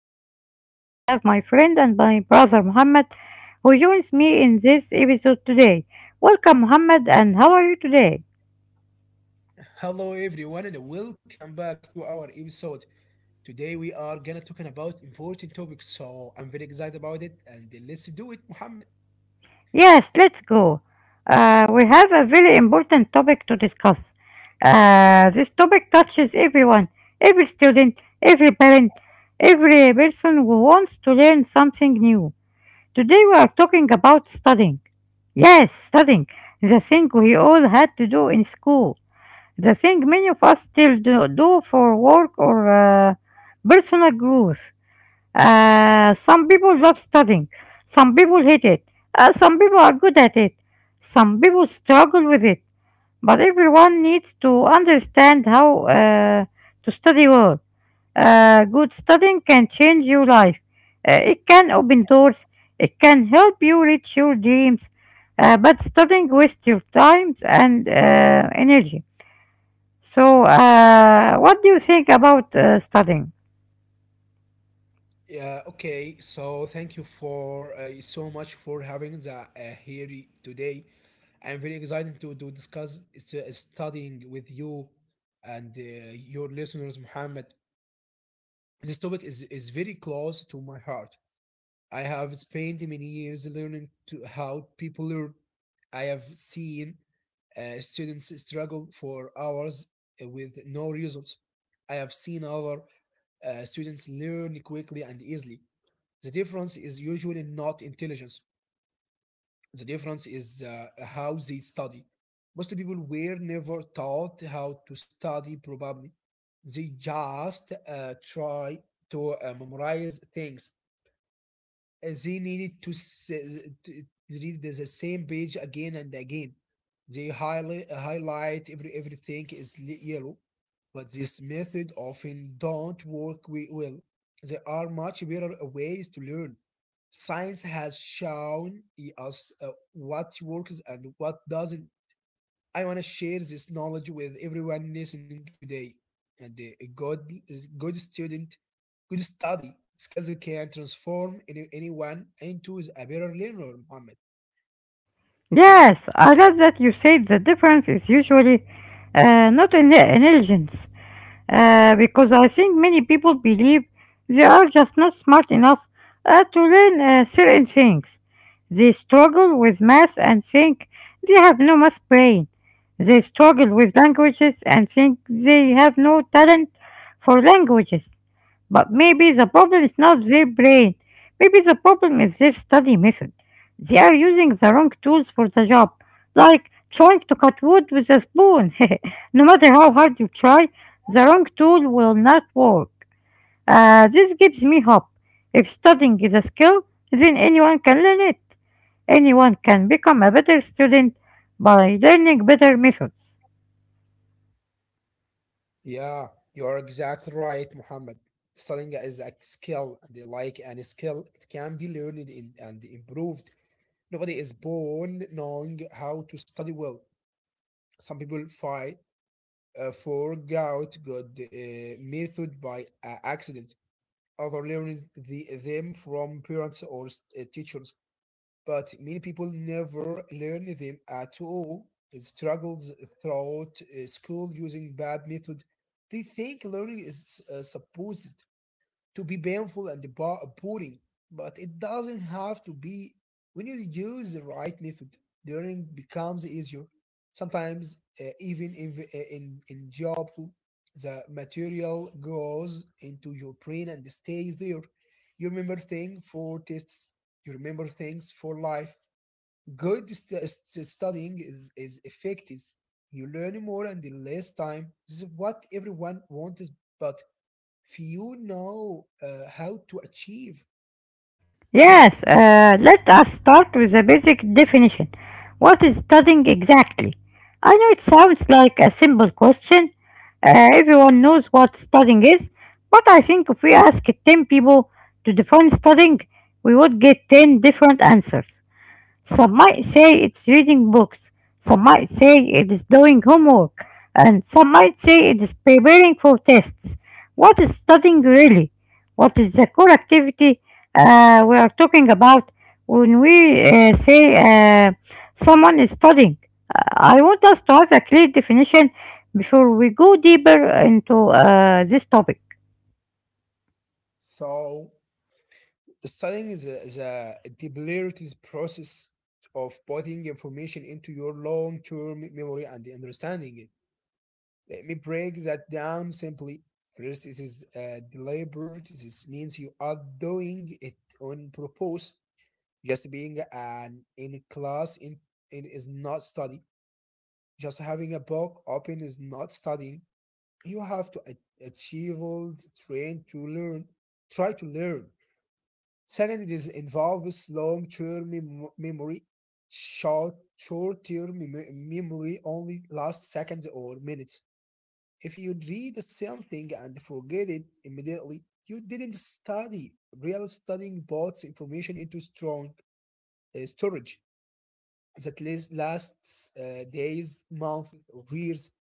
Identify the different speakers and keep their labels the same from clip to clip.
Speaker 1: today I have my friend and my brother Mohammed who joins me in this episode today. Welcome, Mohammed, and how are you today?
Speaker 2: Hello everyone and welcome back to our episode. Today we are gonna talking about important topics, so I'm very excited about it and let's do it, Muhammad.
Speaker 1: Yes, let's go. We have a very important topic to discuss. This topic touches everyone, every student, every parent, every person who wants to learn something new. Today we are talking about studying. Yes, studying. The thing we all had to do in school. The thing many of us still do for work or personal growth. Some people love studying. Some people hate it. Some people are good at it. Some people struggle with it. But everyone needs to understand how to study well. Good studying can change your life. It can open doors. It can help you reach your dreams. But studying wastes your time and energy. So, what do you think about studying?
Speaker 2: Yeah, okay. So thank you for so much for having the here today. I'm very excited to discuss studying with you and your listeners, Muhammad. This topic is very close to my heart. I have spent many years learning to how people learn. I have seen students struggle for hours with no results. I have seen our students learn quickly and easily. The difference is usually not intelligence. The difference is how they study. Most people were never taught how to study, probably. They just try to memorize things as they needed to read the same page again and again. They highlight everything is yellow, but this method often don't work well. There are much better ways to learn. Science has shown us what works and what doesn't. I want to share this knowledge with everyone listening today. And a good student, good study skills can transform anyone into a better learner, Muhammad.
Speaker 1: Yes, I love that you said the difference is usually not in intelligence, because I think many people believe they are just not smart enough to learn certain things. They struggle with math and think they have no math brain. They struggle with languages and think they have no talent for languages. But maybe the problem is not their brain. Maybe the problem is their study method. They are using the wrong tools for the job, like trying to cut wood with a spoon. No matter how hard you try, the wrong tool will not work. This gives me hope. If studying is a skill, then anyone can learn it. Anyone can become a better student by learning better methods.
Speaker 2: Yeah, you are exactly right, Muhammad. Studying is a skill, and like any skill, it can be learned in, and improved. Nobody is born knowing how to study well. Some people fight forgot good method by accident. Other learning them from parents or teachers, but many people never learn them at all. It struggles throughout school using bad method. They think learning is supposed to be painful and boring, but it doesn't have to be. When you use the right method, learning becomes easier. Sometimes, even in joyful, the material goes into your brain and stays there. You remember things for tests, you remember things for life. Good studying is effective. You learn more and in less time. This is what everyone wants, but if you know how to achieve.
Speaker 1: Yes, let us start with the basic definition. What is studying exactly? I know it sounds like a simple question. Everyone knows what studying is, but I think if we ask 10 people to define studying, we would get 10 different answers. Some might say it's reading books, some might say it is doing homework, and some might say it is preparing for tests. What is studying really? What is the core activity we are talking about when we say someone is studying? I want us to have a clear definition before we go deeper into this topic.
Speaker 2: So studying is a deliberate process of putting information into your long-term memory and understanding it. Let me break that down simply. First, it is deliberate. This means you are doing it on purpose. Just being an in class in is not study. Just having a book open is not studying. You have to achieve, train to learn, try to learn. Second, it is involves long-term memory. Short-term memory only lasts seconds or minutes. If you read something and forget it immediately, you didn't study. Real studying puts information into strong storage that list lasts days, months, or years.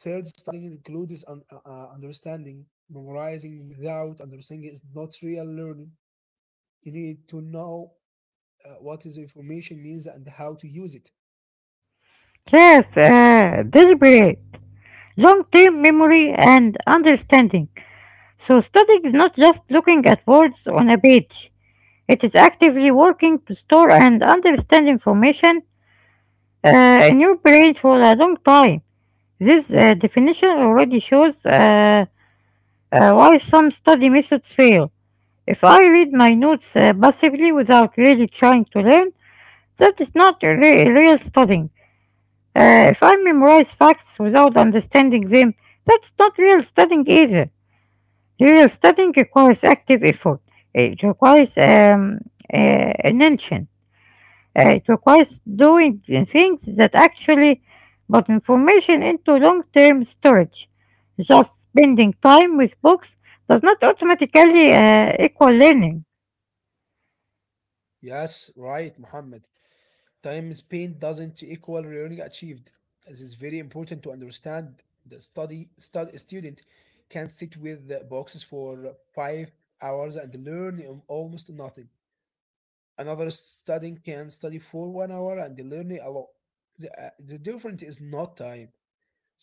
Speaker 2: Third, studying includes understanding. Memorizing without understanding is not real learning. You need to know what is information means and how to use it.
Speaker 1: Yes, deliberate, long term memory and understanding. So studying is not just looking at words on a page. It is actively working to store and understand information uh, in your brain for a long time. This definition already shows why some study methods fail. If I read my notes passively without really trying to learn, that is not real studying. If I memorize facts without understanding them, that's not real studying either. Yeah, studying requires active effort. It requires attention. It requires doing the things that actually put information into long-term storage. Just spending time with books does not automatically equal learning.
Speaker 2: Yes, right, Muhammad. Time spent doesn't equal learning achieved. This is very important to understand. The student can sit with the boxes for 5 hours and learn almost nothing. Another studying can study for 1 hour and learn a lot. The difference is not time.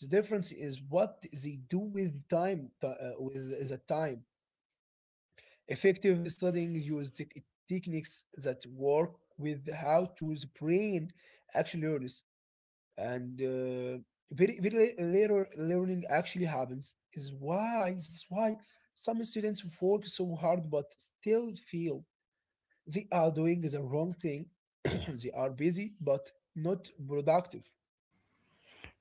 Speaker 2: The difference is what they do with the time. Effective studying uses techniques that work with how to the brain actually learns. And very, very later learning actually happens. That's why some students work so hard but still fail. They are doing the wrong thing. They are busy but not productive.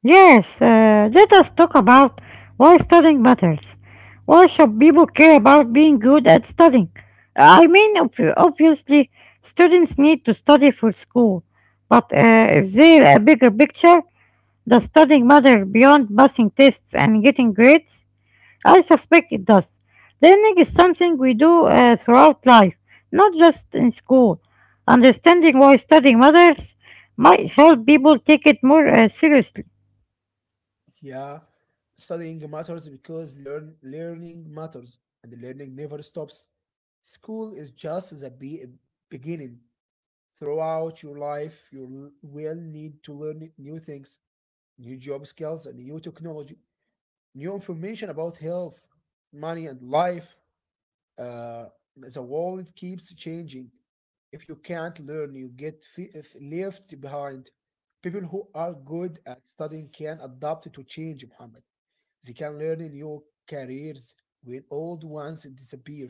Speaker 1: Yes, let us talk about why studying matters. Why should people care about being good at studying? I mean, obviously, students need to study for school, but is there a bigger picture? Does studying matter beyond passing tests and getting grades? I suspect it does. Learning is something we do throughout life, not just in school. Understanding why studying matters might help people take it more seriously.
Speaker 2: Yeah, studying matters because learning matters and learning never stops. School is just the beginning. Throughout your life, you will need to learn new things, new job skills, and new technology, new information about health, money, and life. Uh, the world keeps changing. If you can't learn, you get fe- if left behind. People who are good at studying can adapt to change, Muhammad. They can learn new careers when old ones disappear.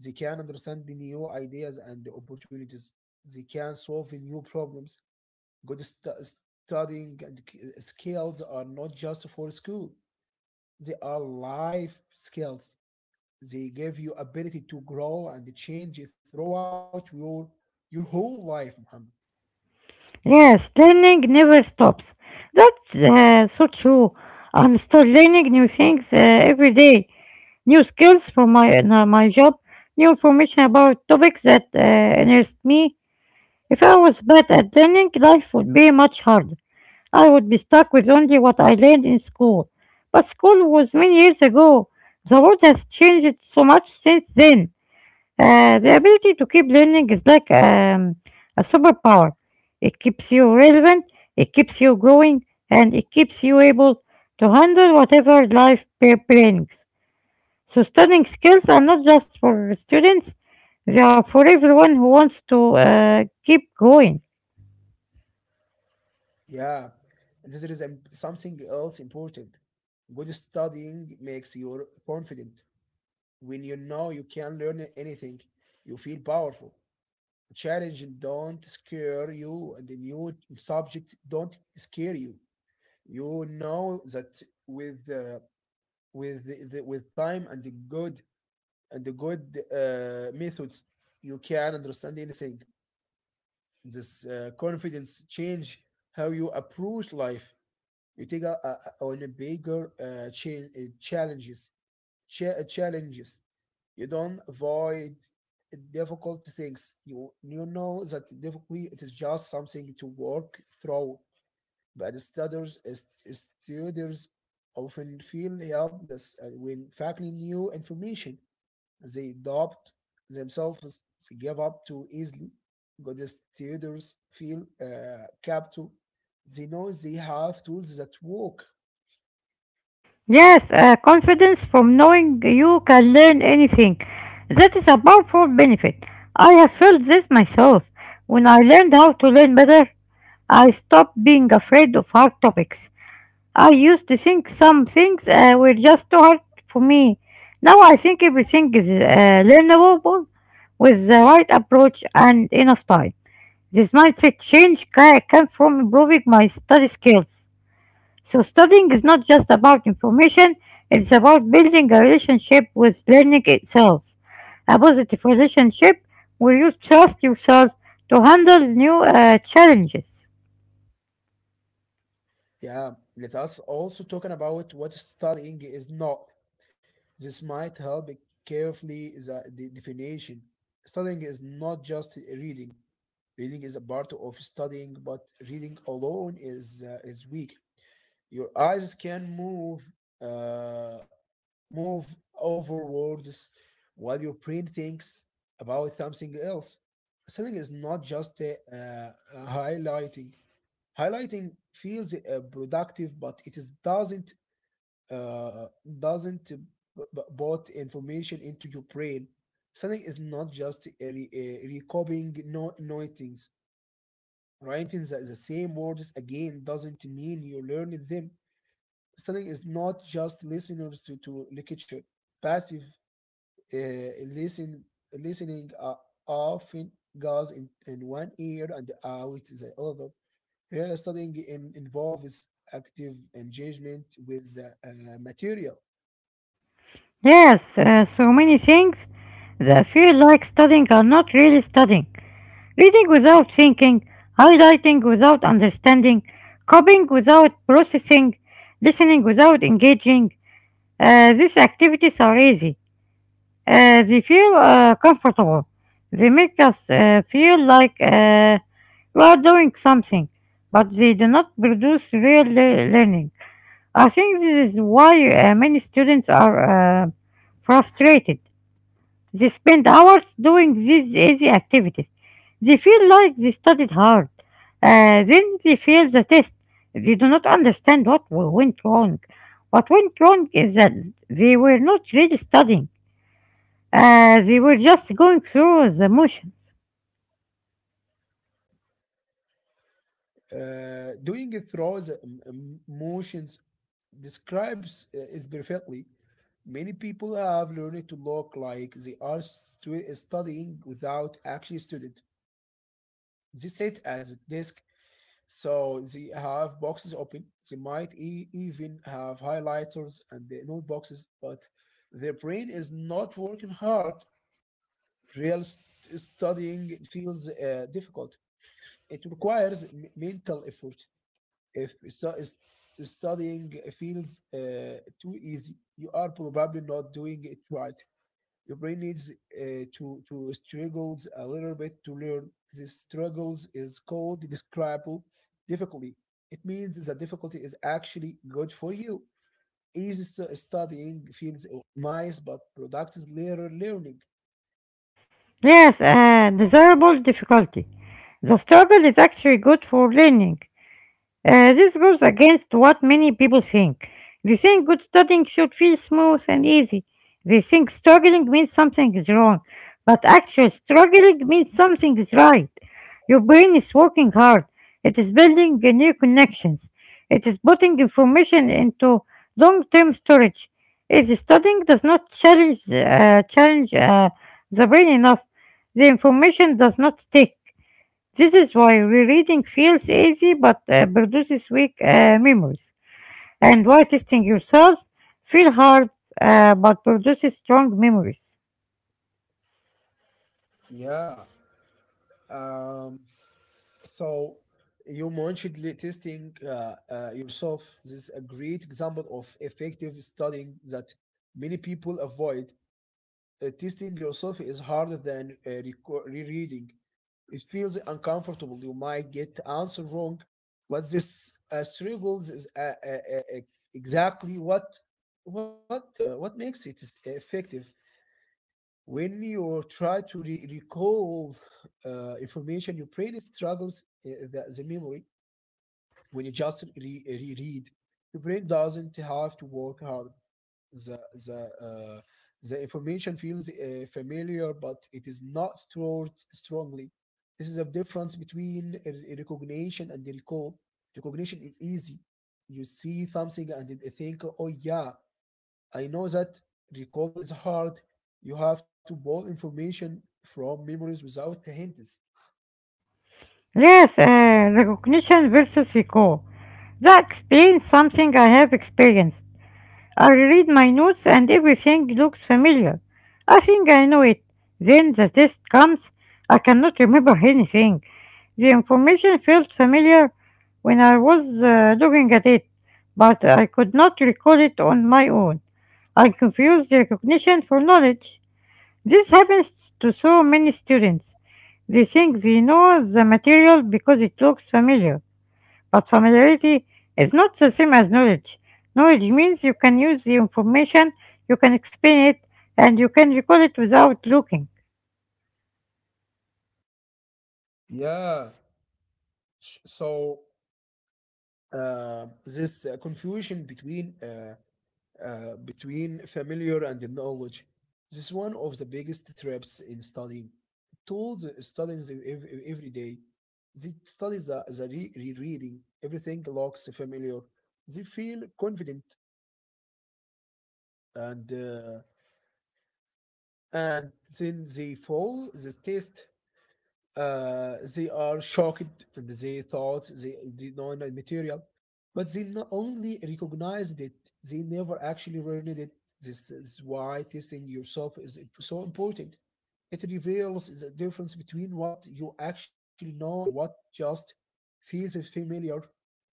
Speaker 2: They can understand the new ideas and the opportunities. They can solve new problems. Good studying and skills are not just for school. They are life skills. They give you ability to grow and change throughout your whole life, Muhammad.
Speaker 1: Yes, learning never stops. That's so true. I'm still learning new things every day. New skills for my job, new information about topics that interest me. If I was bad at learning, life would be much harder. I would be stuck with only what I learned in school. But school was many years ago. The world has changed so much since then. The ability to keep learning is like a superpower. It keeps you relevant, it keeps you growing, and it keeps you able to handle whatever life brings. So, studying skills are not just for students, they are for everyone who wants to keep going.
Speaker 2: Yeah, and this is something else important. Good studying makes you confident. When you know you can learn anything, you feel powerful. Challenge don't scare you, and the new subject don't scare you. You know that with time and the good methods, you can understand anything. This confidence change how you approach life. You take a on a bigger challenges. You don't avoid difficult things. You know that difficulty it is just something to work through. But studies students often feel helpless when facing new information they adopt themselves, they give up too easily. Good students feel capable. They know they have tools that work.
Speaker 1: Yes, confidence from knowing you can learn anything. That is a powerful benefit. I have felt this myself. When I learned how to learn better, I stopped being afraid of hard topics. I used to think some things were just too hard for me. Now I think everything is learnable with the right approach and enough time. This mindset change came from improving my study skills. So studying is not just about information, it's about building a relationship with learning itself. A positive relationship where you trust yourself to handle new challenges.
Speaker 2: Yeah, let us also talking about what studying is not. This might help carefully the definition. Studying is not just reading. Reading is a part of studying, but reading alone is weak. Your eyes can uh, move over words while your brain thinks about something else. Selling is not just highlighting. Highlighting feels productive, but it is uh, doesn't put information into your brain. Selling is not just recopying noitings. Writing the same words again doesn't mean you're learning them. Studying is not just listeners to lecture. Passive uh, listen, listening often goes in one ear and out the other. Here, studying involves active engagement with the material.
Speaker 1: Yes, so many things that feel like studying are not really studying. Reading without thinking, highlighting without understanding, copying without processing, listening without engaging. These activities are easy. They feel comfortable. They make us feel like we are doing something, but they do not produce real learning. I think this is why many students are frustrated. They spend hours doing these easy activities. They feel like they studied hard. Then they fail the test. They do not understand what went wrong. What went wrong is that they were not really studying. They were just going through the motions.
Speaker 2: Doing it through the emotions describes it perfectly. Many people have learned to look like they are studying without actually studying. They sit at the desk. So they have boxes open. They might even have highlighters and the note boxes, but their brain is not working hard. Real studying feels difficult. It requires mental effort. If studying feels too easy, you are probably not doing it right. Your brain needs to struggles a little bit to learn. This struggles is called describable difficulty. It means the difficulty is actually good for you. Easy studying feels nice, but productive later learning.
Speaker 1: Yes, desirable difficulty. The struggle is actually good for learning. This goes against what many people think. They think good studying should feel smooth and easy. They think struggling means something is wrong, but actually, struggling means something is right. Your brain is working hard, it is building new connections, it is putting information into long term storage. If studying does not challenge the brain enough, the information does not stick. This is why rereading feels easy but produces weak memories, and why testing yourself feels hard but produces strong memories.
Speaker 2: Yeah. Um, so you mentioned testing yourself. This is a great example of effective studying that many people avoid. Testing yourself is harder than rereading. It feels uncomfortable. You might get answer wrong, but this struggles is exactly what makes it is effective. When you try to recall information, your brain struggles the memory. When you just reread, your brain doesn't have to work hard. The the uh, the information feels familiar, but it is not stored strongly. This is a difference between recognition and recall. Recognition is easy. You see something and you think, "Oh yeah, I know that." Recall is hard. You have to pull information from memories without the hints.
Speaker 1: Yes, recognition versus recall. That explains something I have experienced. I read my notes and everything looks familiar. I think I know it. Then the test comes. I cannot remember anything. The information felt familiar when I was looking at it, but I could not recall it on my own. I confused recognition for knowledge. This happens to so many students. They think they know the material because it looks familiar, but familiarity is not the same as knowledge. Knowledge means you can use the information, you can explain it, and you can recall it without looking.
Speaker 2: Yeah. So this confusion between between familiar and knowledge. This is one of the biggest traps in studying. Tools studying the every day. They study the rereading. Everything looks familiar. They feel confident and and then they fall the test. They are shocked and they thought they did not know the material, but they not only recognized it, they never actually learned it. This is why testing yourself is so important. It reveals the difference between what you actually know and what just feels familiar.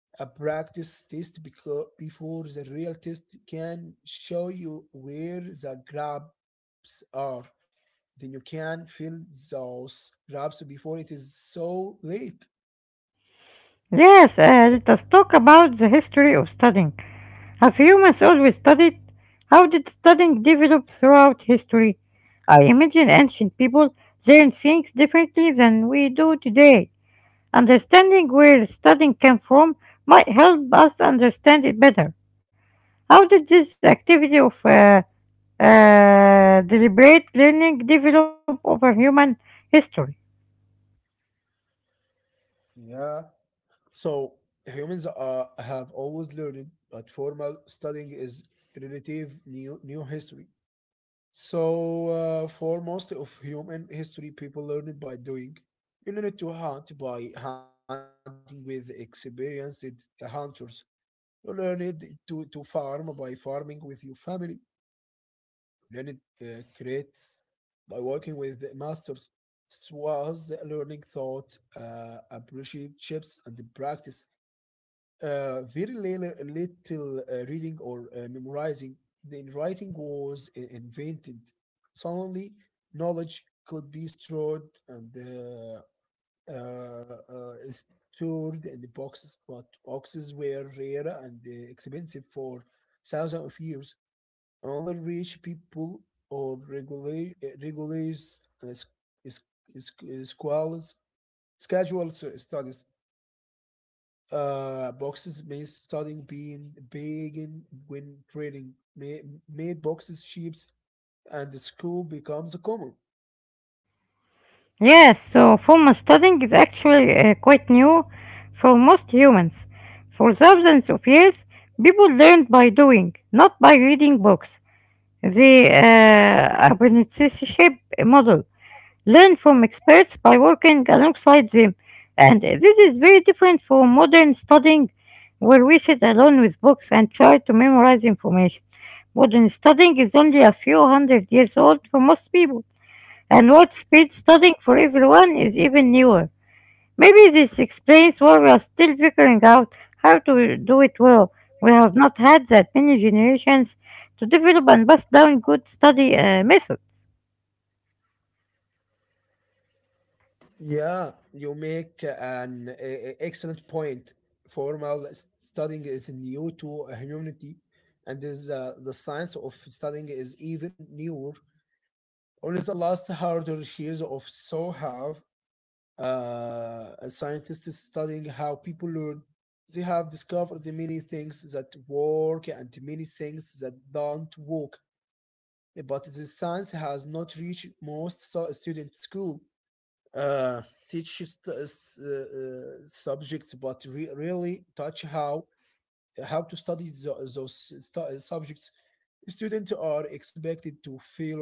Speaker 2: A practice test before the real test can show you where the gaps are, then you can fill those gaps before it is so late.
Speaker 1: Yes, let us talk about the history of studying. Have humans always studied? How did studying develop throughout history? I imagine ancient people learned things differently than we do today. Understanding where studying came from might help us understand it better. How did this activity of deliberate learning developed over human history.
Speaker 2: Yeah. So humans have always learned, but formal studying is relative new history. So for most of human history, people learned by doing. You learned to hunt by hunting with experienced hunters. You learned to farm by farming with your family. Learned creates by working with masters. This was learning thought, apprenticeships, and the practice. Very little reading or memorizing. Then writing was invented. Suddenly, knowledge could be stored and uh, uh, stored in the boxes, but boxes were rare and expensive for thousands of years. Only rich people or regular regulars is is schools schedule studies. Boxes may studying being begin when trading may made boxes ships and the school becomes a common.
Speaker 1: Yes, so formal studying is actually quite new for most humans. For thousands of years, people learned by doing, not by reading books. The apprenticeship model learn from experts by working alongside them. And this is very different from modern studying, where we sit alone with books and try to memorize information. Modern studying is only a few hundred years old for most people, and world speed studying for everyone is even newer. Maybe this explains why we are still figuring out how to do it well. We have not had that many generations to develop and pass down good study methods.
Speaker 2: Yeah, you make an excellent point. Formal studying is new to humanity, and is the science of studying is even newer. Only the last 100 years or so have scientists studying how people learn. They have discovered the many things that work and many things that don't work. But the science has not reached most student school. Uh, Teach subjects, but really touch how to study those subjects. Students are expected to fail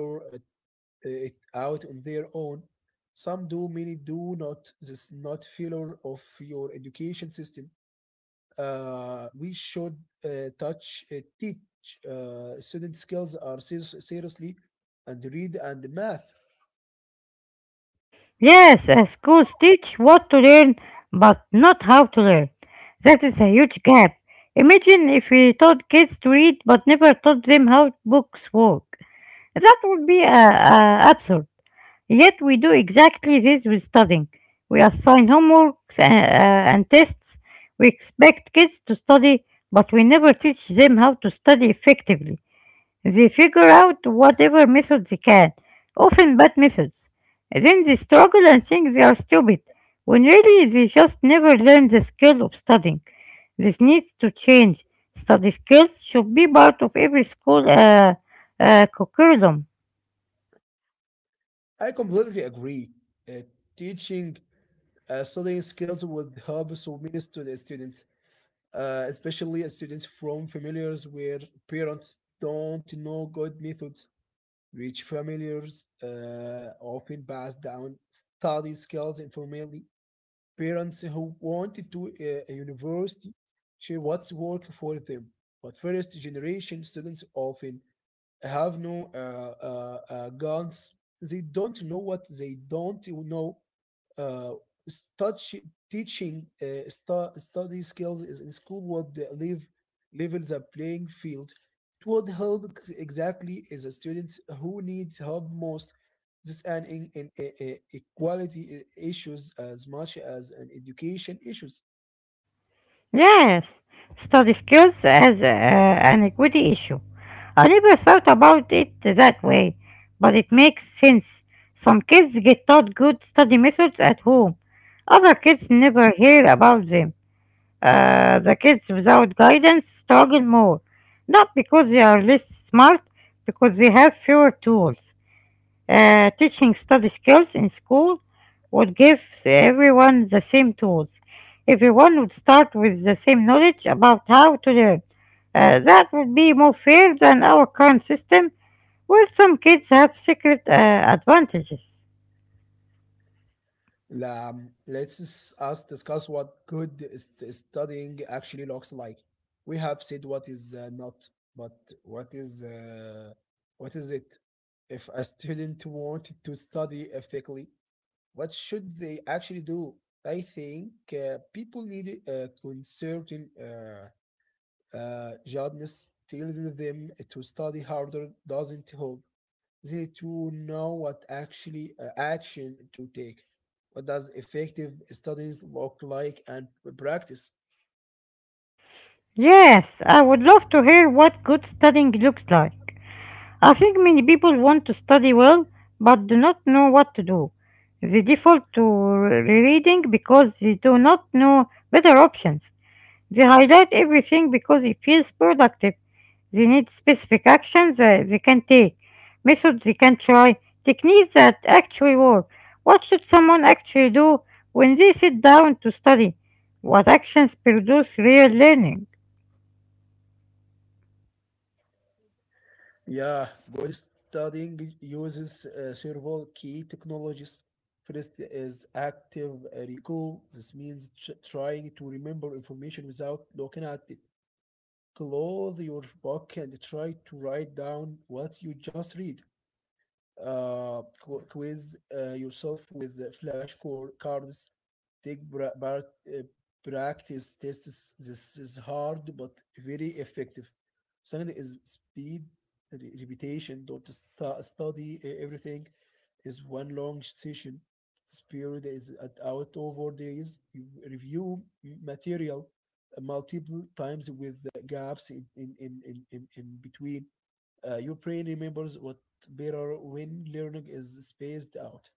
Speaker 2: it out on their own. Some do, many do not. This is not failure of your education system. We should touch teach student skills are seriously and read and math.
Speaker 1: Yes, schools teach what to learn but not how to learn. That is a huge gap. Imagine if we taught kids to read but never taught them how books work. That would be absurd. Yet we do exactly this with studying. We assign homeworks and tests. We expect kids to study, but we never teach them how to study effectively. They figure out whatever method they can, often bad methods. Then they struggle and think they are stupid, when really they just never learn the skill of studying. This needs to change. Study skills should be part of every school curriculum.
Speaker 2: I completely agree. Uh, Teaching studying skills would help so many students, especially students from familiars where parents don't know good methods. Rich familiars often pass down study skills informally. Parents who wanted to a university share what work for them, but first generation students often have no guns. They don't know what they don't know. uh, Touch teaching study skills is in school would leave level the playing field. It would help exactly the students who need help most. This an in equality issues as much as an education issues.
Speaker 1: Yes, study skills as an equity issue. I never thought about it that way, but it makes sense. Some kids get taught good study methods at home, other kids never hear about them. The kids without guidance struggle more, not because they are less smart, because they have fewer tools. Teaching study skills in school would give everyone the same tools. Everyone would start with the same knowledge about how to learn. That would be more fair than our current system, where some kids have secret advantages.
Speaker 2: La, let's us discuss what good studying actually looks like. We have said what is not, but what is uh, what is it? If a student wanted to study ethically, what should they actually do? I think people need a concerted jobless tells them to study harder doesn't help. They too know what actually action to take. What does effective studies look like and practice?
Speaker 1: Yes, I would love to hear what good studying looks like. I think many people want to study well but do not know what to do. They default to rereading because they do not know better options. They highlight everything because it feels productive. They need specific actions that they can take, methods they can try, techniques that actually work. What should someone actually do when they sit down to study? What actions produce real learning?
Speaker 2: Yeah, good studying uses several key technologies. First is active recall. This means trying to remember information without looking at it. Close your book and try to write down what you just read. Quiz yourself with the flash core cards. Take practice tests. This is hard but very effective. Second is speed, repetition. Don't study everything. Is one long session. This period is out over days. You review material multiple times with the gaps in between. Your brain remembers what better when learning is spaced out.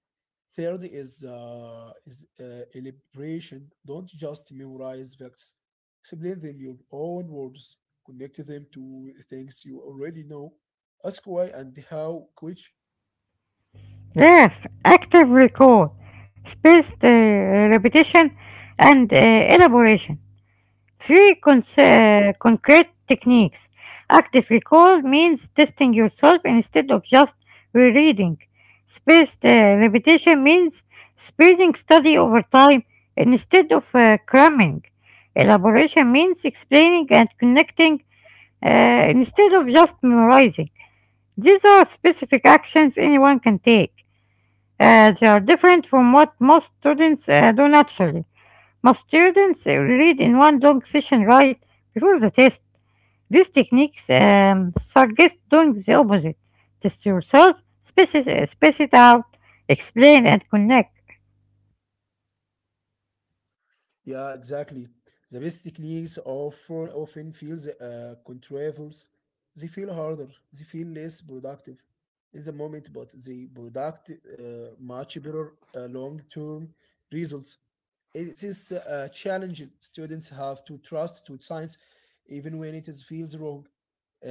Speaker 2: Third is elaboration. Don't just memorize facts. Explain them in your own words. Connect them to things you already know. Ask why and how, which
Speaker 1: Yes, active recall, spaced repetition, and elaboration. Three concrete techniques. Active recall means testing yourself instead of just rereading. Spaced repetition means spreading study over time instead of cramming. Elaboration means explaining and connecting instead of just memorizing. These are specific actions anyone can take. They are different from what most students do naturally. My students read in one long session right before the test. These techniques suggest doing the opposite. Test yourself, space it out, explain and connect.
Speaker 2: Yeah, exactly. The best techniques often feel contrivals. They feel harder. They feel less productive in the moment, but they product much better long-term results. It is a challenge students have to trust to science, even when it is feels wrong.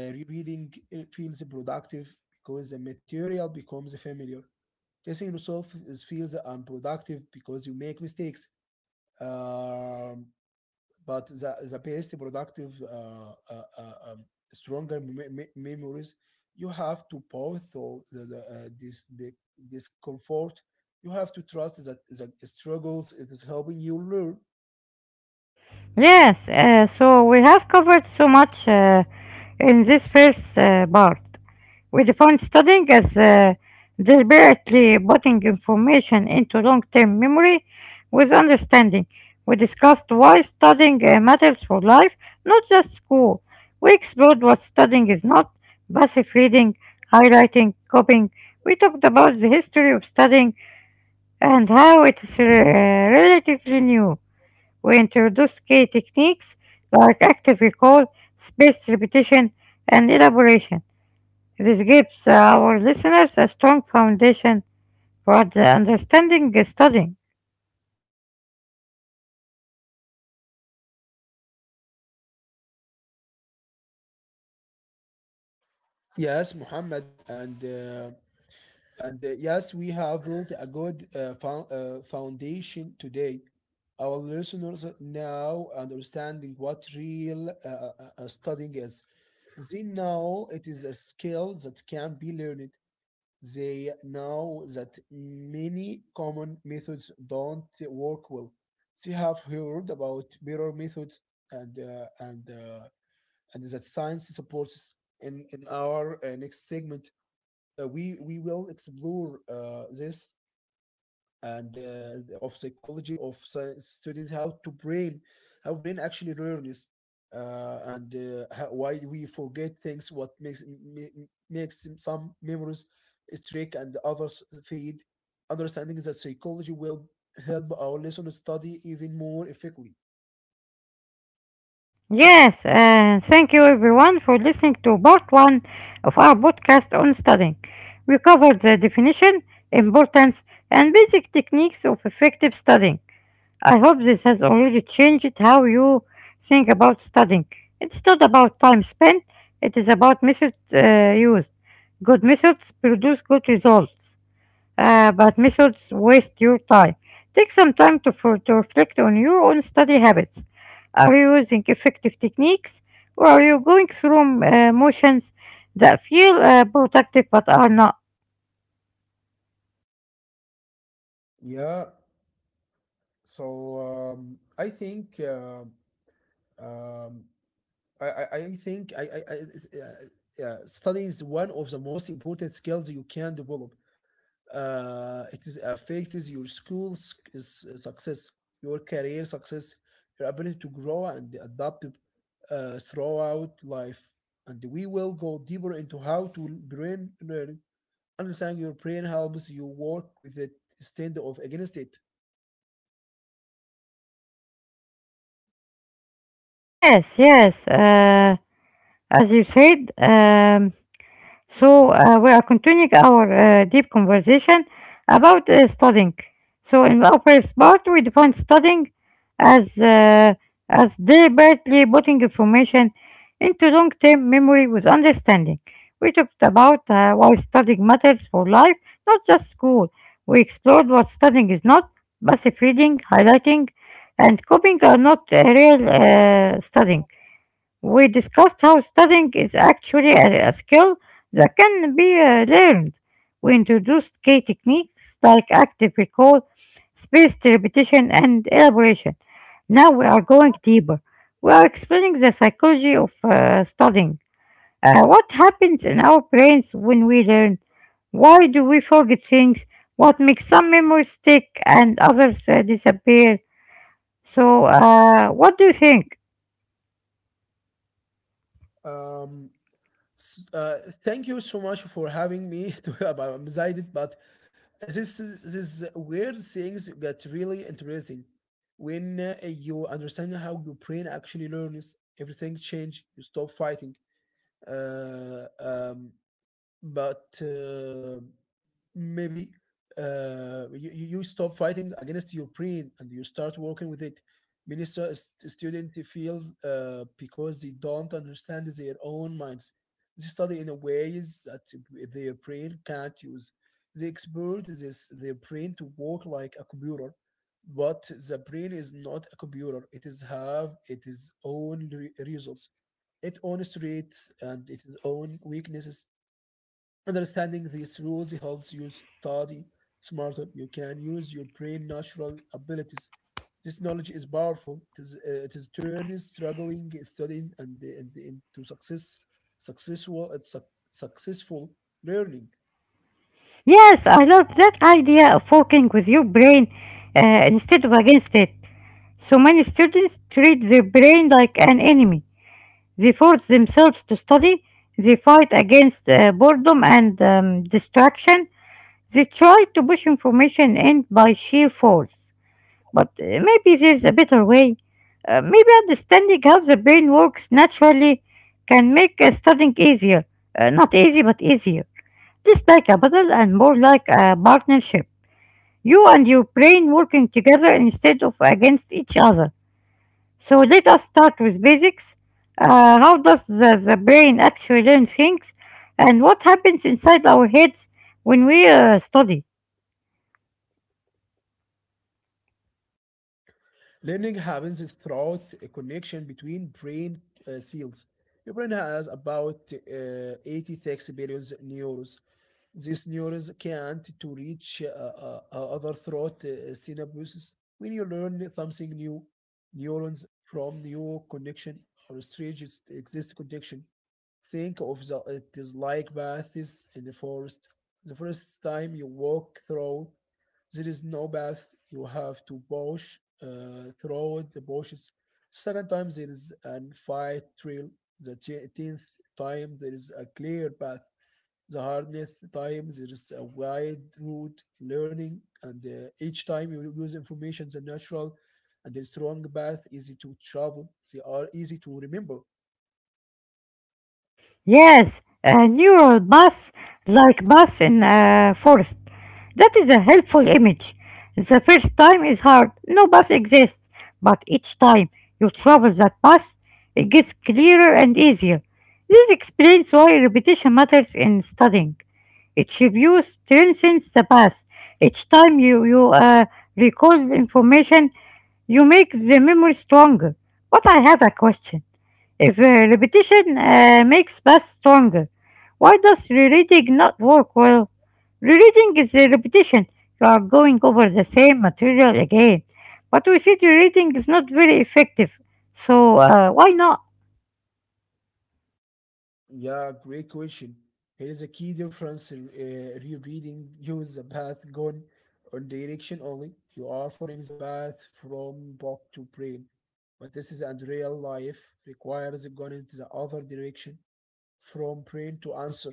Speaker 2: Reading feels productive because the material becomes familiar. Testing yourself is feels unproductive because you make mistakes. Um, but the best productive stronger memories you have to both so the this the discomfort, you have to trust that the struggles it is helping you learn.
Speaker 1: Yes, so we have covered so much in this first part. We define studying as deliberately putting information into long term memory with understanding. We discussed why studying matters for life, not just school. We explored what studying is not: passive reading, highlighting, copying. We talked about the history of studying and how it is relatively new. We introduce key techniques like active recall, spaced repetition, and elaboration. This gives our listeners a strong foundation for the understanding and studying.
Speaker 2: Yes, Muhammad, and yes, we have built a good foundation today. Our listeners now understanding what real studying is. They know it is a skill that can be learned. They know that many common methods don't work well. They have heard about better methods, and uh, and uh, and that science supports. In our next segment, we will explore this and of psychology of science students, how to brain, how brain actually learns, and how, why we forget things, what makes makes some memories streak and others fade. Understanding that psychology will help our listeners study even more effectively.
Speaker 1: Yes, and thank you everyone for listening to part one of our podcast on studying. We covered the definition, importance, and basic techniques of effective studying. I hope this has already changed how you think about studying. It's not about time spent, it is about methods used. Good methods produce good results, but methods waste your time. Take some time to reflect on your own study habits. Are you using effective techniques, or are you going through motions that feel productive but are not?
Speaker 2: Yeah, so I think um, I think I yeah, studying is one of the most important skills you can develop. It is affects your school success, your career success, your ability to grow and adapt throughout life. And we will go deeper into how to learn. Understanding your brain helps you work with it instead of against it.
Speaker 1: Yes, yes. As you said, so we are continuing our deep conversation about studying. So in our first part, we defined studying as uh, as deliberately putting information into long-term memory with understanding. We talked about why studying matters for life, not just school. We explored what studying is not. Passive reading, highlighting, and copying are not real studying. We discussed how studying is actually a skill that can be learned. We introduced key techniques like active recall, spaced repetition, and elaboration. Now we are going deeper. We are explaining the psychology of studying. What happens in our brains when we learn? Why do we forget things? What makes some memories stick and others disappear? So, what do you think?
Speaker 2: Um, s- uh, Thank you so much for having me. I'm excited, but this is where things get really interesting. When you understand how your brain actually learns, everything change. You stop fighting. Uh, um, but Maybe you stop fighting against your brain and you start working with it. Many students feel because they don't understand their own minds. They study in a ways that their brain can't use. They expert this their brain to work like a computer, but the brain is not a computer. It is have its own results, its own strengths and its own weaknesses. Understanding these rules helps you study smarter. You can use your brain natural abilities. This knowledge is powerful. It is turns struggling, studying, and into success, successful learning.
Speaker 1: Yes, I love that idea of working with your brain instead of against it. So many students treat their brain like an enemy. They force themselves to study, they fight against boredom and distraction, they try to push information in by sheer force. But maybe there's a better way. Maybe understanding how the brain works naturally can make studying easier. Not easy, but easier. It's like a battle and more like a partnership. You and your brain working together instead of against each other. So let us start with basics. How does the brain actually learn things, and what happens inside our heads when we study?
Speaker 2: Learning happens throughout a connection between brain cells. Your brain has about 86 billion neurons. These neurons can't to reach overthrow the synapses. When you learn something new, neurons from new connection or strange exist connection, think of the it is like paths in the forest. The first time you walk through, there is no path. You have to push through the bushes. Second time there is an fire trail. The tenth time there is a clear path, the hardest times there is a wide route of learning, and each time you use information, the natural and the strong path easy to travel. They are easy to remember.
Speaker 1: Yes, a neural bus like bus in a forest. That is a helpful image. The first time is hard, no bus exists, but each time you travel that bus, it gets clearer and easier. This explains why repetition matters in studying. Each review strengthens the past. Each time you recall information, you make the memory stronger. But I have a question. If repetition makes past stronger, why does rereading not work well? Rereading is a repetition. You are going over the same material again. But we said rereading is not very effective. So why not?
Speaker 2: Yeah, great question. Here is a key difference in rereading. Use the path gone on direction only. You are following the path from book to brain. But this is and real life requires going into the other direction, from print to answer,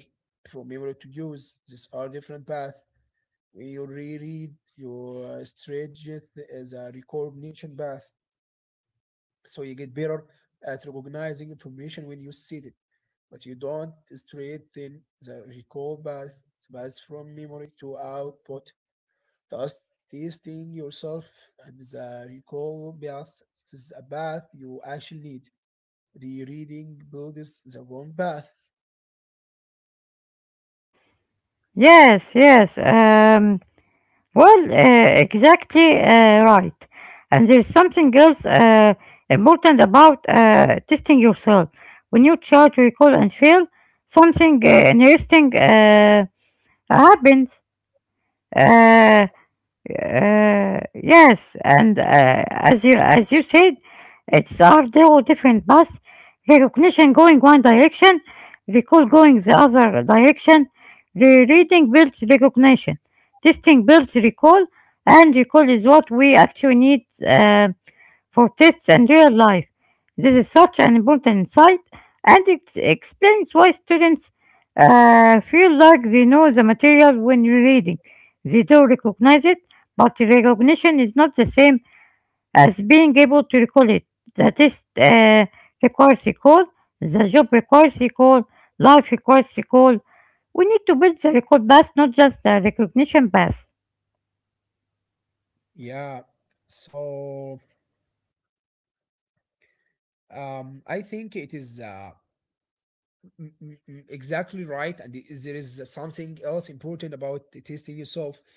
Speaker 2: from memory to use. These are different paths. When you reread, you stretch it as a recognition path. So you get better at recognizing information when you see it, but you don't straighten the recall path, the path from memory to output. Thus, testing yourself and the recall path is a path you actually need. Rereading builds the wrong path.
Speaker 1: Yes, yes. Well, exactly right. And there's something else important about testing yourself. When you try to recall and fail, something interesting happens. Uh, yes, and as you said, it's our duo different paths. Recognition going one direction, recall going the other direction. Rereading builds recognition, testing builds recall, and recall is what we actually need. For tests and real life. This is such an important insight, and it explains why students feel like they know the material when reading. They do recognize it, but recognition is not the same as being able to recall it. The test requires recall, the job requires recall, life requires recall. We need to build the recall path, not just the recognition path.
Speaker 2: Yeah. So, I think it is exactly right, and there is something else important about tasting yourself.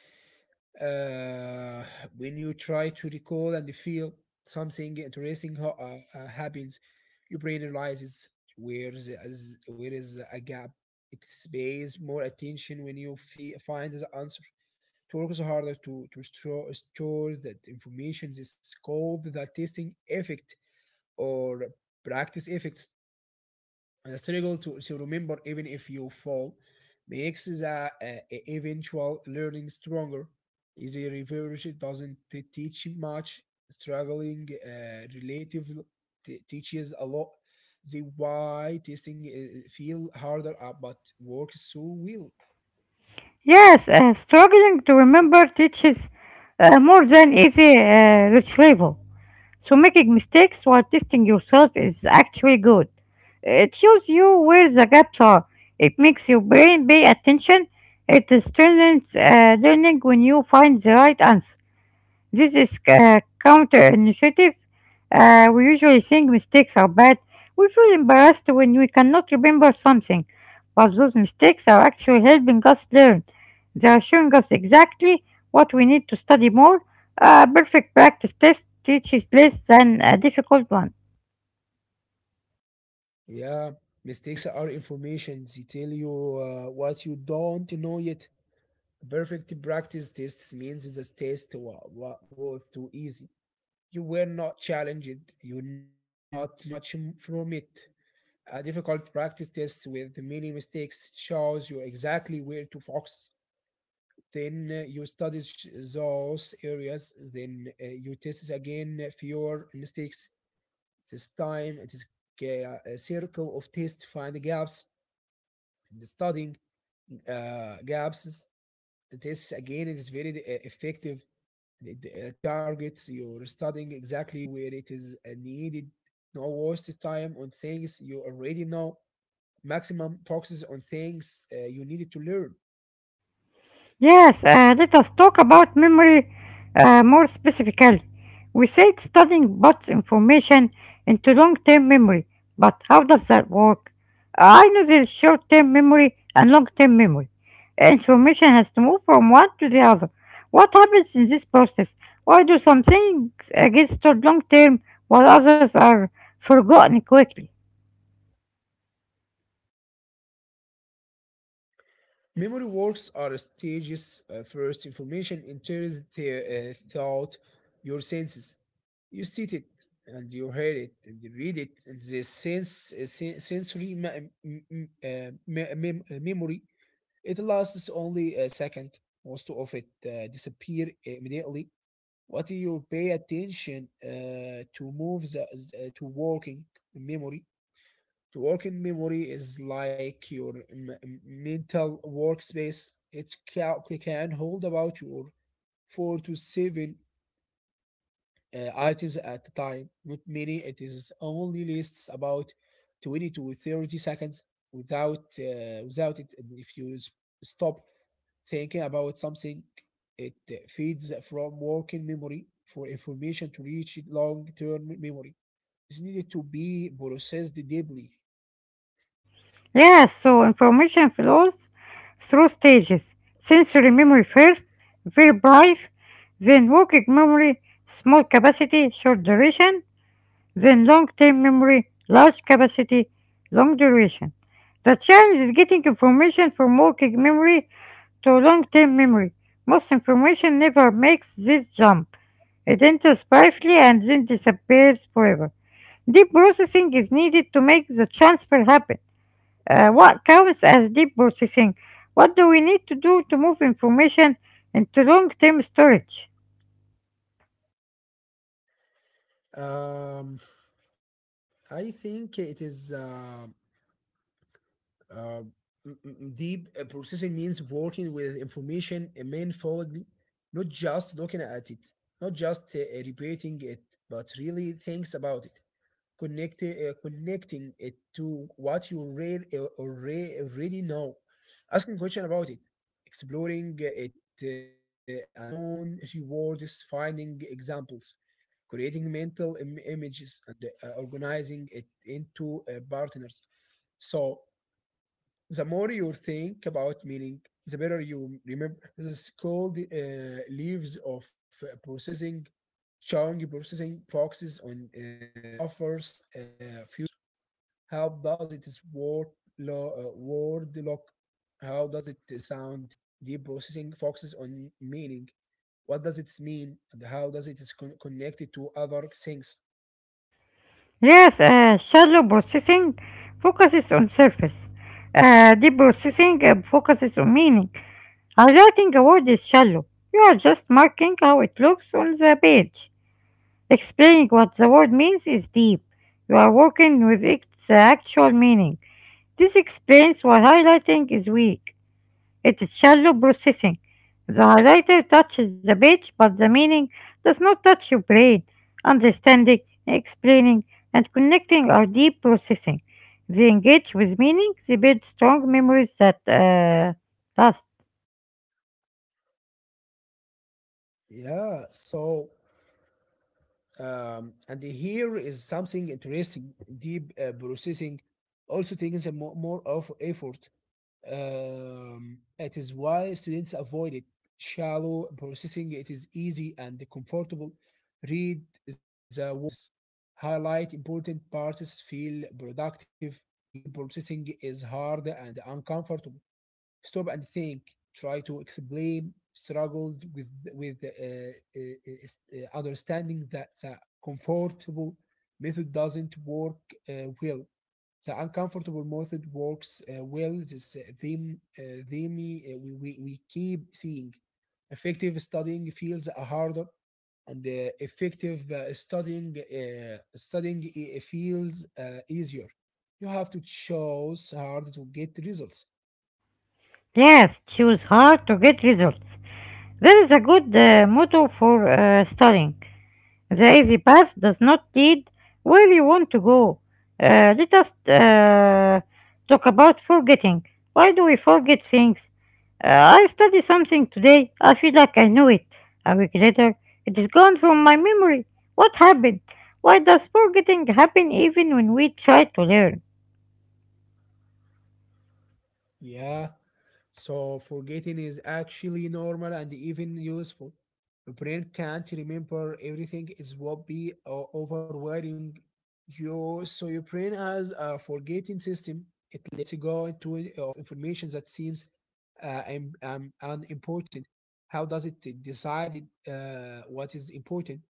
Speaker 2: Uh, when you try to recall and feel something interesting happens. Your brain realizes where is a gap. It pays more attention when you find the answer. It works harder to store that information. This is called the testing effect or practice effect. The struggle to remember, even if you fall, makes the uh, eventual learning stronger. The reverse doesn't teach much. Struggling relative teaches a lot. The why testing feel harder, but works so well.
Speaker 1: Yes, struggling to remember teaches more than easy retrieval. So making mistakes while testing yourself is actually good. It shows you where the gaps are. It makes your brain pay attention. It strengthens learning when you find the right answer. This is counterintuitive. We usually think mistakes are bad. We feel embarrassed when we cannot remember something, but those mistakes are actually helping us learn. They are showing us exactly what we need to study more. A perfect practice test teaches less than a difficult one.
Speaker 2: Yeah, mistakes are information. They tell you what you don't know yet. Perfect practice tests means the test was too easy. You were not challenged, you were not learning much from it. A difficult practice test with many mistakes shows you exactly where to focus. Then you study those areas, then you test again fewer mistakes. This time it is a circle of tests, find gaps, the studying gaps. This again is very effective. It targets your studying exactly where it is needed. No waste time on things you already know. Maximum focus on things you needed to learn.
Speaker 1: Yes, let us talk about memory more specifically. We said studying bots information into long term memory, but how does that work? I know there is short term memory and long term memory. Information has to move from one to the other. What happens in this process? Why do some things get stored long term while others are forgotten quickly?
Speaker 2: Memory works are stages. First, information enters the thought, your senses. You see it and you hear it and you read it. And the sensory memory, it lasts only a second. Most of it disappear immediately. What do you pay attention to move the to working memory. To working memory is like your mental workspace. It can hold about your four to seven items at a time, with many it is only lists about 20 to 30 seconds without it. If you stop thinking about something, it feeds from working memory. For information to reach long-term memory, it's needed to be processed deeply.
Speaker 1: Yes, so information flows through stages. Sensory memory first, very brief, then working memory, small capacity, short duration, then long-term memory, large capacity, long duration. The challenge is getting information from working memory to long-term memory. Most information never makes this jump. It enters briefly and then disappears forever. Deep processing is needed to make the transfer happen. What counts as deep processing? What do we need to do to move information into long term storage?
Speaker 2: Um, I think it is uh, deep processing means working with information mindfully, not just looking at it, not just repeating it, but really thinks about it. Connecting it to what you already know, asking question about it, exploring it and your own rewards, finding examples, creating mental images, and organizing it into partners. So the more you think about meaning, the better you remember. This is called leaves of processing, showing processing focuses on suffers futures. How does it word, word look? How does it sound? Deep processing focuses on meaning. What does it mean? And how does it is connected to other things?
Speaker 1: Yes, shallow processing focuses on surface. Deep processing focuses on meaning. Highlighting a word is shallow. You are just marking how it looks on the page. Explaining what the word means is deep. You are working with its actual meaning. This explains why highlighting is weak. It is shallow processing. The highlighter touches the page, but the meaning does not touch your brain. Understanding, explaining, and connecting are deep processing. They engage with meaning, they build strong memories that last.
Speaker 2: Yeah, so and here is something interesting. Deep processing also takes a more of effort. It is why students avoid it. Shallow processing, it is easy and comfortable. Read the words, highlight important parts, feel productive. Deep processing is hard and uncomfortable, stop and think, try to explain, struggles with understanding that the comfortable method doesn't work well, the uncomfortable method works well. This theme we keep seeing, effective studying feels harder, and effective studying feels easier. You have to choose hard to get results.
Speaker 1: Yes, choose hard to get results. There is a good motto for studying. The easy path does not lead where you want to go. Let us talk about forgetting. Why do we forget things? I studied something today. I feel like I knew it. A week later, it is gone from my memory. What happened? Why does forgetting happen even when we try to learn?
Speaker 2: Yeah. So forgetting is actually normal and even useful. The brain can't remember everything. It would be overwhelming you. So your brain has a forgetting system. It lets go into it of information that seems unimportant. How does it decide it, what is important?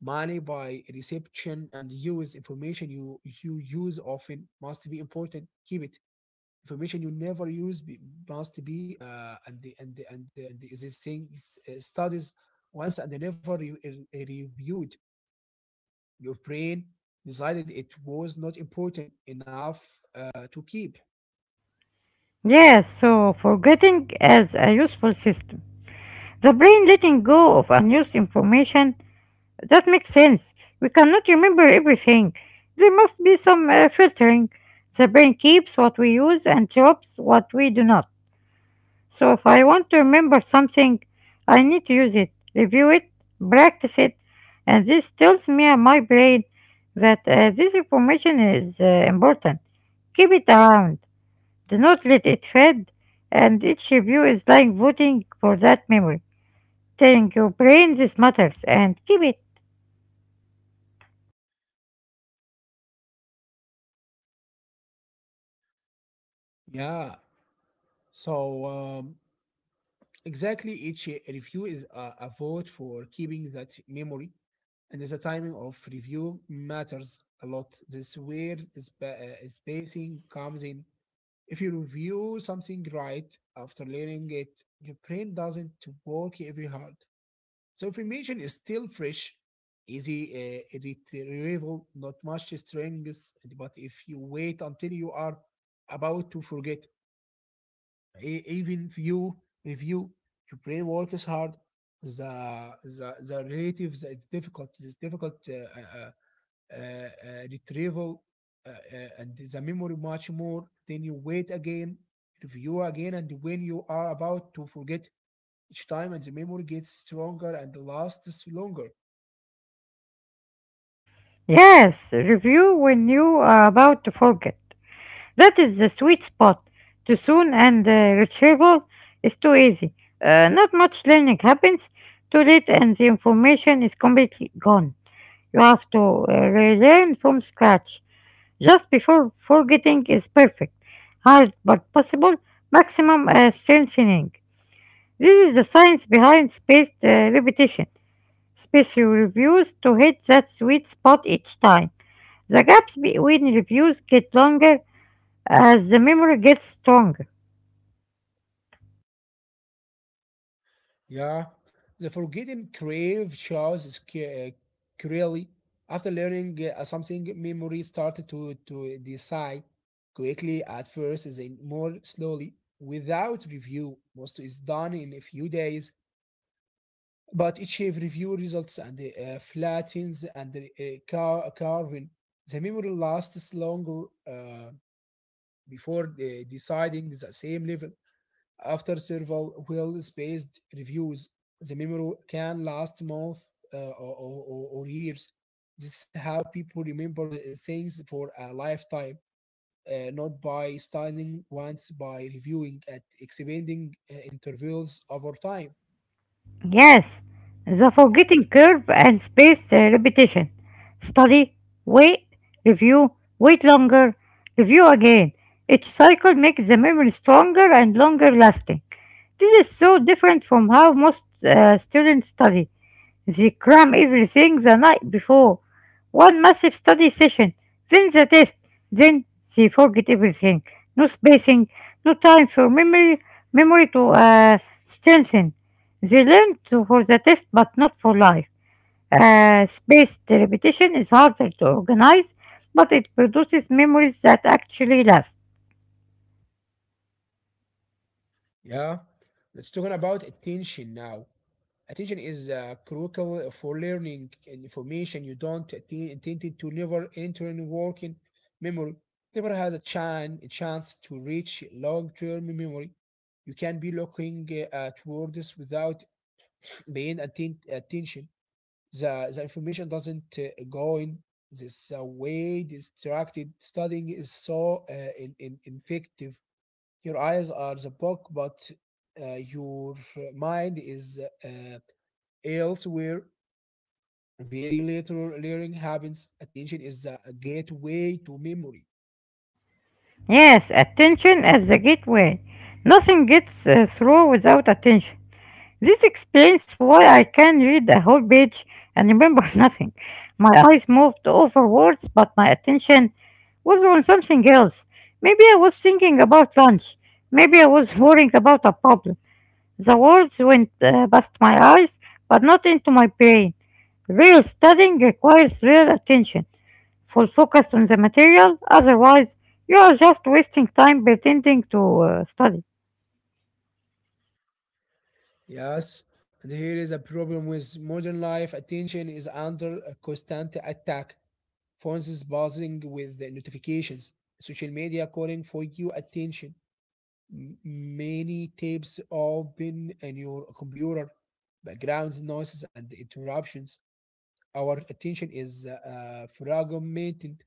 Speaker 2: Money by reception and use, information you use often must be important. Keep it. Information you never use must be and the these things studies once and they never reviewed, your brain decided it was not important enough to keep.
Speaker 1: Yes, so forgetting as a useful system. The brain letting go of unused information. That makes sense. We cannot remember everything. There must be some filtering. The brain keeps what we use and drops what we do not. So if I want to remember something, I need to use it, review it, practice it, and this tells me and my brain that this information is important. Keep it around. Do not let it fade, and each review is like voting for that memory. Telling your brain this matters and keep it.
Speaker 2: Yeah, so exactly, each review is a vote for keeping that memory, and the timing of review matters a lot. This is where spacing comes in. If you review something right after learning it, your brain doesn't work every hard. So information is still fresh, easy, retrieval, not much strength. But if you wait until you are about to forget, even if you review, your brain works hard. The difficult retrieval and the memory much more. Then you wait again, review again, and when you are about to forget each time, and the memory gets stronger and lasts longer.
Speaker 1: Yes, review when you are about to forget. That is the sweet spot. Too soon and retrieval is too easy. Not much learning happens. Too late and the information is completely gone. You have to relearn from scratch. Just before forgetting is perfect. Hard but possible. Maximum strengthening. This is the science behind spaced repetition. Special reviews to hit that sweet spot each time. The gaps between reviews get longer as the memory gets stronger.
Speaker 2: Yeah, the forgetting crave shows clearly. After learning something, memory started to decide quickly at first, then more slowly. Without review, most is done in a few days, but each have review results and flattens and carving. The memory lasts longer before deciding the same level. After several well-spaced reviews, the memory can last months or, or years. This is how people remember the things for a lifetime, not by studying once, by reviewing at expanding intervals over time.
Speaker 1: Yes, the forgetting curve and space repetition. Study, wait, review, wait longer, review again. Each cycle makes the memory stronger and longer lasting. This is so different from how most students study. They cram everything the night before. One massive study session, then the test, then they forget everything. No spacing, no time for memory to strengthen. They learn to, for the test but not for life. Spaced repetition is harder to organize, but it produces memories that actually last.
Speaker 2: Yeah, let's talking about attention now. Attention is critical for learning, and information you don't intend to never enter in working memory. Never has a chance to reach long-term memory. You can be looking at words without paying attention. The information doesn't go in this way. Distracted studying is so ineffective, your eyes are the book, but your mind is elsewhere. Very little learning happens. Attention is a gateway to memory.
Speaker 1: Yes, attention as the gateway. Nothing gets through without attention. This explains why I can read a whole page and remember nothing. My eyes moved over words, but my attention was on something else. Maybe I was thinking about lunch. Maybe I was worrying about a problem. The words went past my eyes, but not into my brain. Real studying requires real attention, full focus on the material; otherwise, you are just wasting time pretending to study.
Speaker 2: Yes. And here is a problem with modern life. Attention is under a constant attack. Phones is buzzing with the notifications. Social media calling for your attention. Many tabs open in your computer, background noises and interruptions. Our attention is fragmented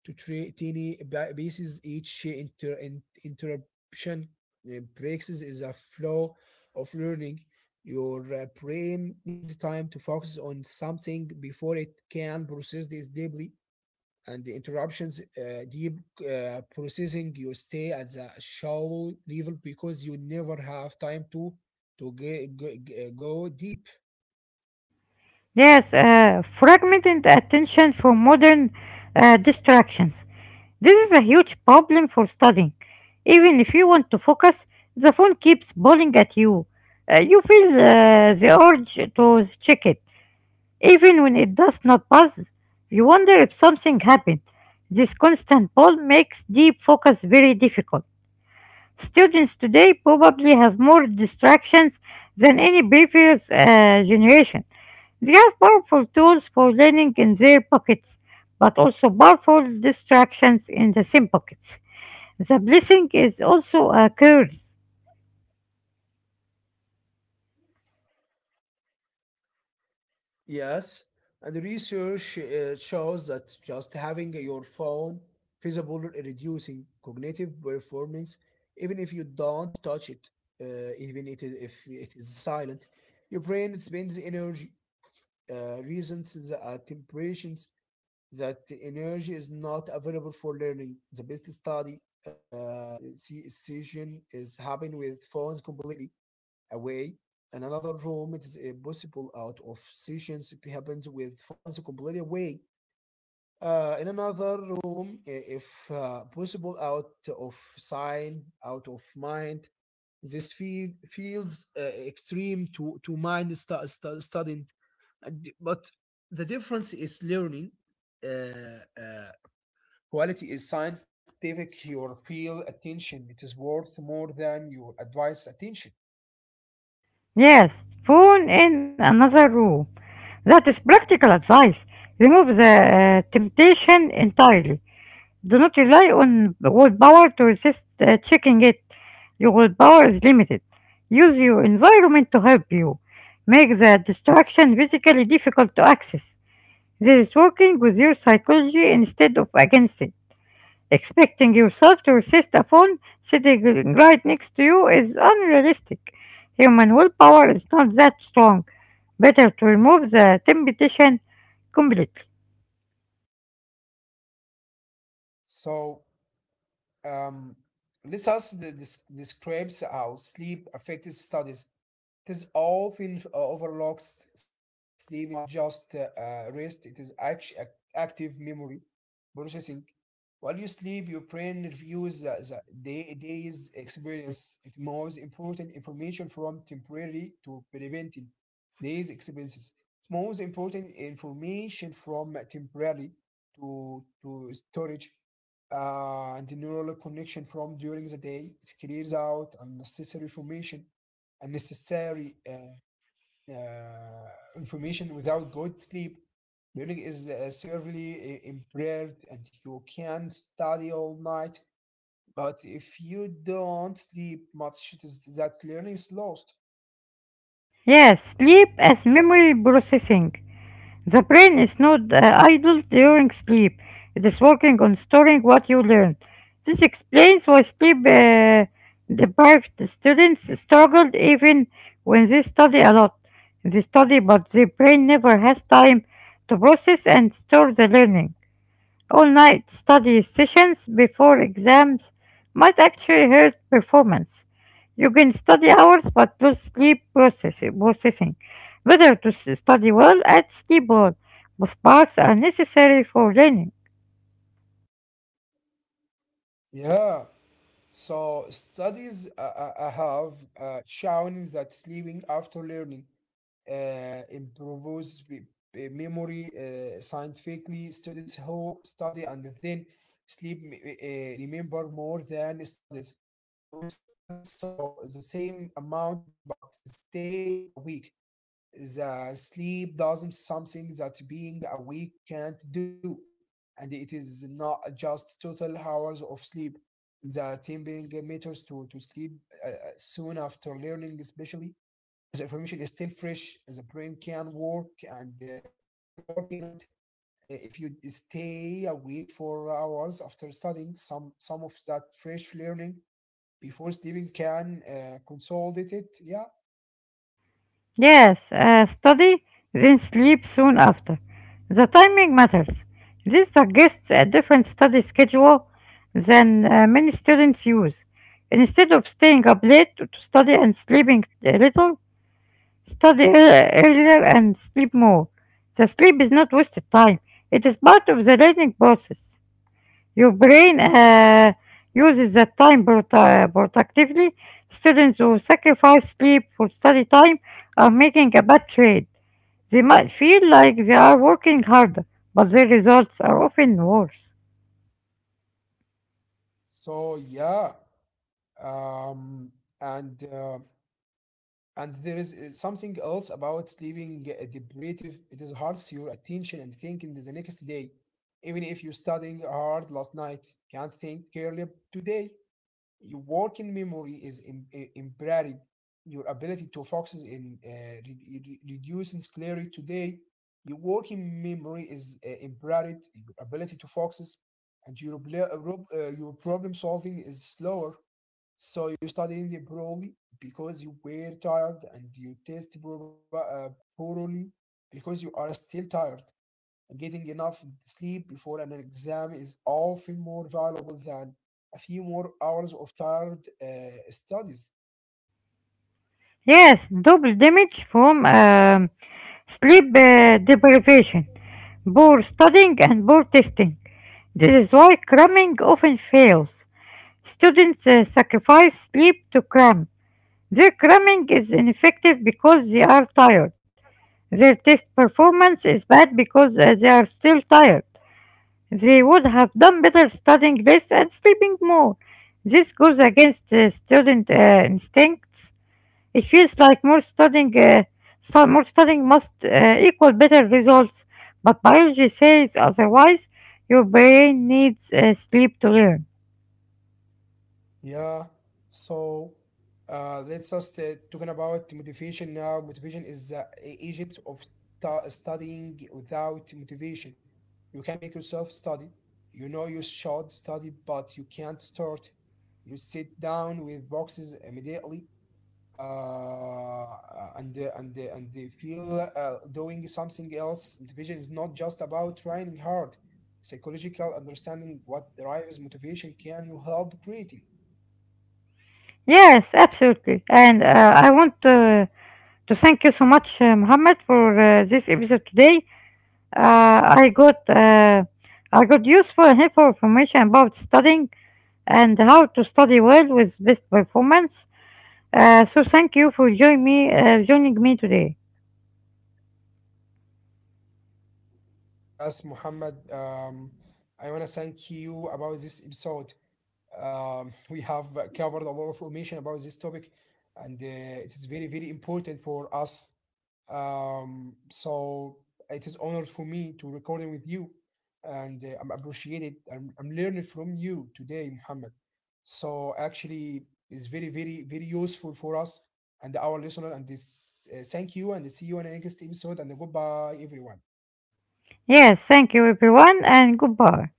Speaker 2: to teeny pieces. Each interruption breaks is a flow of learning. Your brain needs time to focus on something before it can process this deeply. And the interruptions, deep processing, you stay at the shallow level because you never have time to go deep.
Speaker 1: Yes, fragmented attention for modern distractions. This is a huge problem for studying. Even if you want to focus, the phone keeps bowling at you. You feel the urge to check it. Even when it does not buzz, you wonder if something happened. This constant pull makes deep focus very difficult. Students today probably have more distractions than any previous generation. They are powerful tools for learning in their pockets, but also powerful distractions in the same pockets. The blessing is also a curse.
Speaker 2: Yes, and the research shows that just having your phone visible reducing cognitive performance, even if you don't touch it, if it is silent, your brain spends energy reasons at temperatures, that the energy is not available for learning. The best study session is happening with phones completely away. In another room, it is possible, out of sessions happens with phones completely away. In another room, if possible, out of sign, out of mind. Feels extreme to mind student. But the difference is learning. Uh, uh, quality is scientific. Your feel attention, it is worth more than your advice attention.
Speaker 1: Yes, phone in another room. That is practical advice. Remove the temptation entirely. Do not rely on willpower to resist checking it. Your willpower is limited. Use your environment to help you. Make the distraction physically difficult to access. This is working with your psychology instead of against it. Expecting yourself to resist a phone sitting right next to you is unrealistic. Human willpower is not that strong. Better to remove the temptation completely.
Speaker 2: So Um, let's ask describes how sleep affected studies. This all feels overlooks. Sleep is not just rest; it is active memory processing. While you sleep, your brain reviews the day's experience. It moves important information from temporary to permanent day's experiences. It moves important information from temporary to storage and the neural connection from during the day. It clears out unnecessary information, unnecessary uh, information. Without good sleep, learning is severely impaired, and you can study all night. But if you don't sleep much, that learning is lost.
Speaker 1: Yes, sleep as memory processing. The brain is not idle during sleep. It is working on storing what you learned. This explains why sleep deprived students struggled even when they study a lot. They study, but the brain never has time to process and store the learning. All-night study sessions before exams might actually hurt performance. You can study hours but lose sleep processing. Better to study well and sleep well. Both parts are necessary for learning.
Speaker 2: Yeah. So studies have shown that sleeping after learning improves memory scientifically. Students who study and then sleep remember more than studies who studies so the same amount but stay awake. The sleep doesn't something that being awake can't do, and it is not just total hours of sleep. The team being meters to sleep soon after learning, especially the information is still fresh. The brain can work and can work in it. If you stay awake for hours after studying, some of that fresh learning before sleeping can consolidate it. Yeah.
Speaker 1: Yes, study, then sleep soon after. The timing matters. This suggests a different study schedule than many students use. Instead of staying up late to study and sleeping a little, study earlier and sleep more. The sleep is not wasted time. It is part of the learning process. Your brain uses that time productively. Students who sacrifice sleep for study time are making a bad trade. They might feel like they are working harder, but their results are often worse.
Speaker 2: So yeah. Um, and uh, And there is something else about sleeping deprivative. It is hard to your attention and thinking the next day. Even if you studying hard last night, can't think clearly today. Your working memory is impaired. Your ability to focus in reducing clarity today. Your working memory is impaired. Your ability to focus and your, your problem solving is slower. So you studying it poorly because you were tired, and you test poorly because you are still tired. Getting enough sleep before an exam is often more valuable than a few more hours of tired studies.
Speaker 1: Yes, double damage from sleep deprivation, poor studying, and poor testing. This is why cramming often fails. Students sacrifice sleep to cram. Their cramming is ineffective because they are tired. Their test performance is bad because they are still tired. They would have done better studying less and sleeping more. This goes against student instincts. It feels like more studying must equal better results, but biology says otherwise. Your brain needs sleep to learn.
Speaker 2: Yeah. So let's just talking about motivation now. Motivation is the agent of studying. Without motivation, you can't make yourself study. You know you should study, but you can't start. You sit down with boxes immediately, uh, and they feel doing something else. Motivation is not just about trying hard. Psychological understanding what drives motivation can you help creating.
Speaker 1: Yes, absolutely. And I want to thank you so much, Muhammad, for this episode today. Uh, I got uh, I got useful and helpful information about studying and how to study well with best performance. So thank you for joining me today.
Speaker 2: Yes, Muhammad, I want to thank you about this episode. We have covered a lot of information about this topic, and it is very, very important for us. So it is honor for me to recording with you, and I'm appreciated. I'm learning from you today, Muhammad. So actually, it's very, very, very useful for us and our listener. And this, thank you, and see you in the next episode. And goodbye, everyone.
Speaker 1: Yes, thank you everyone and goodbye.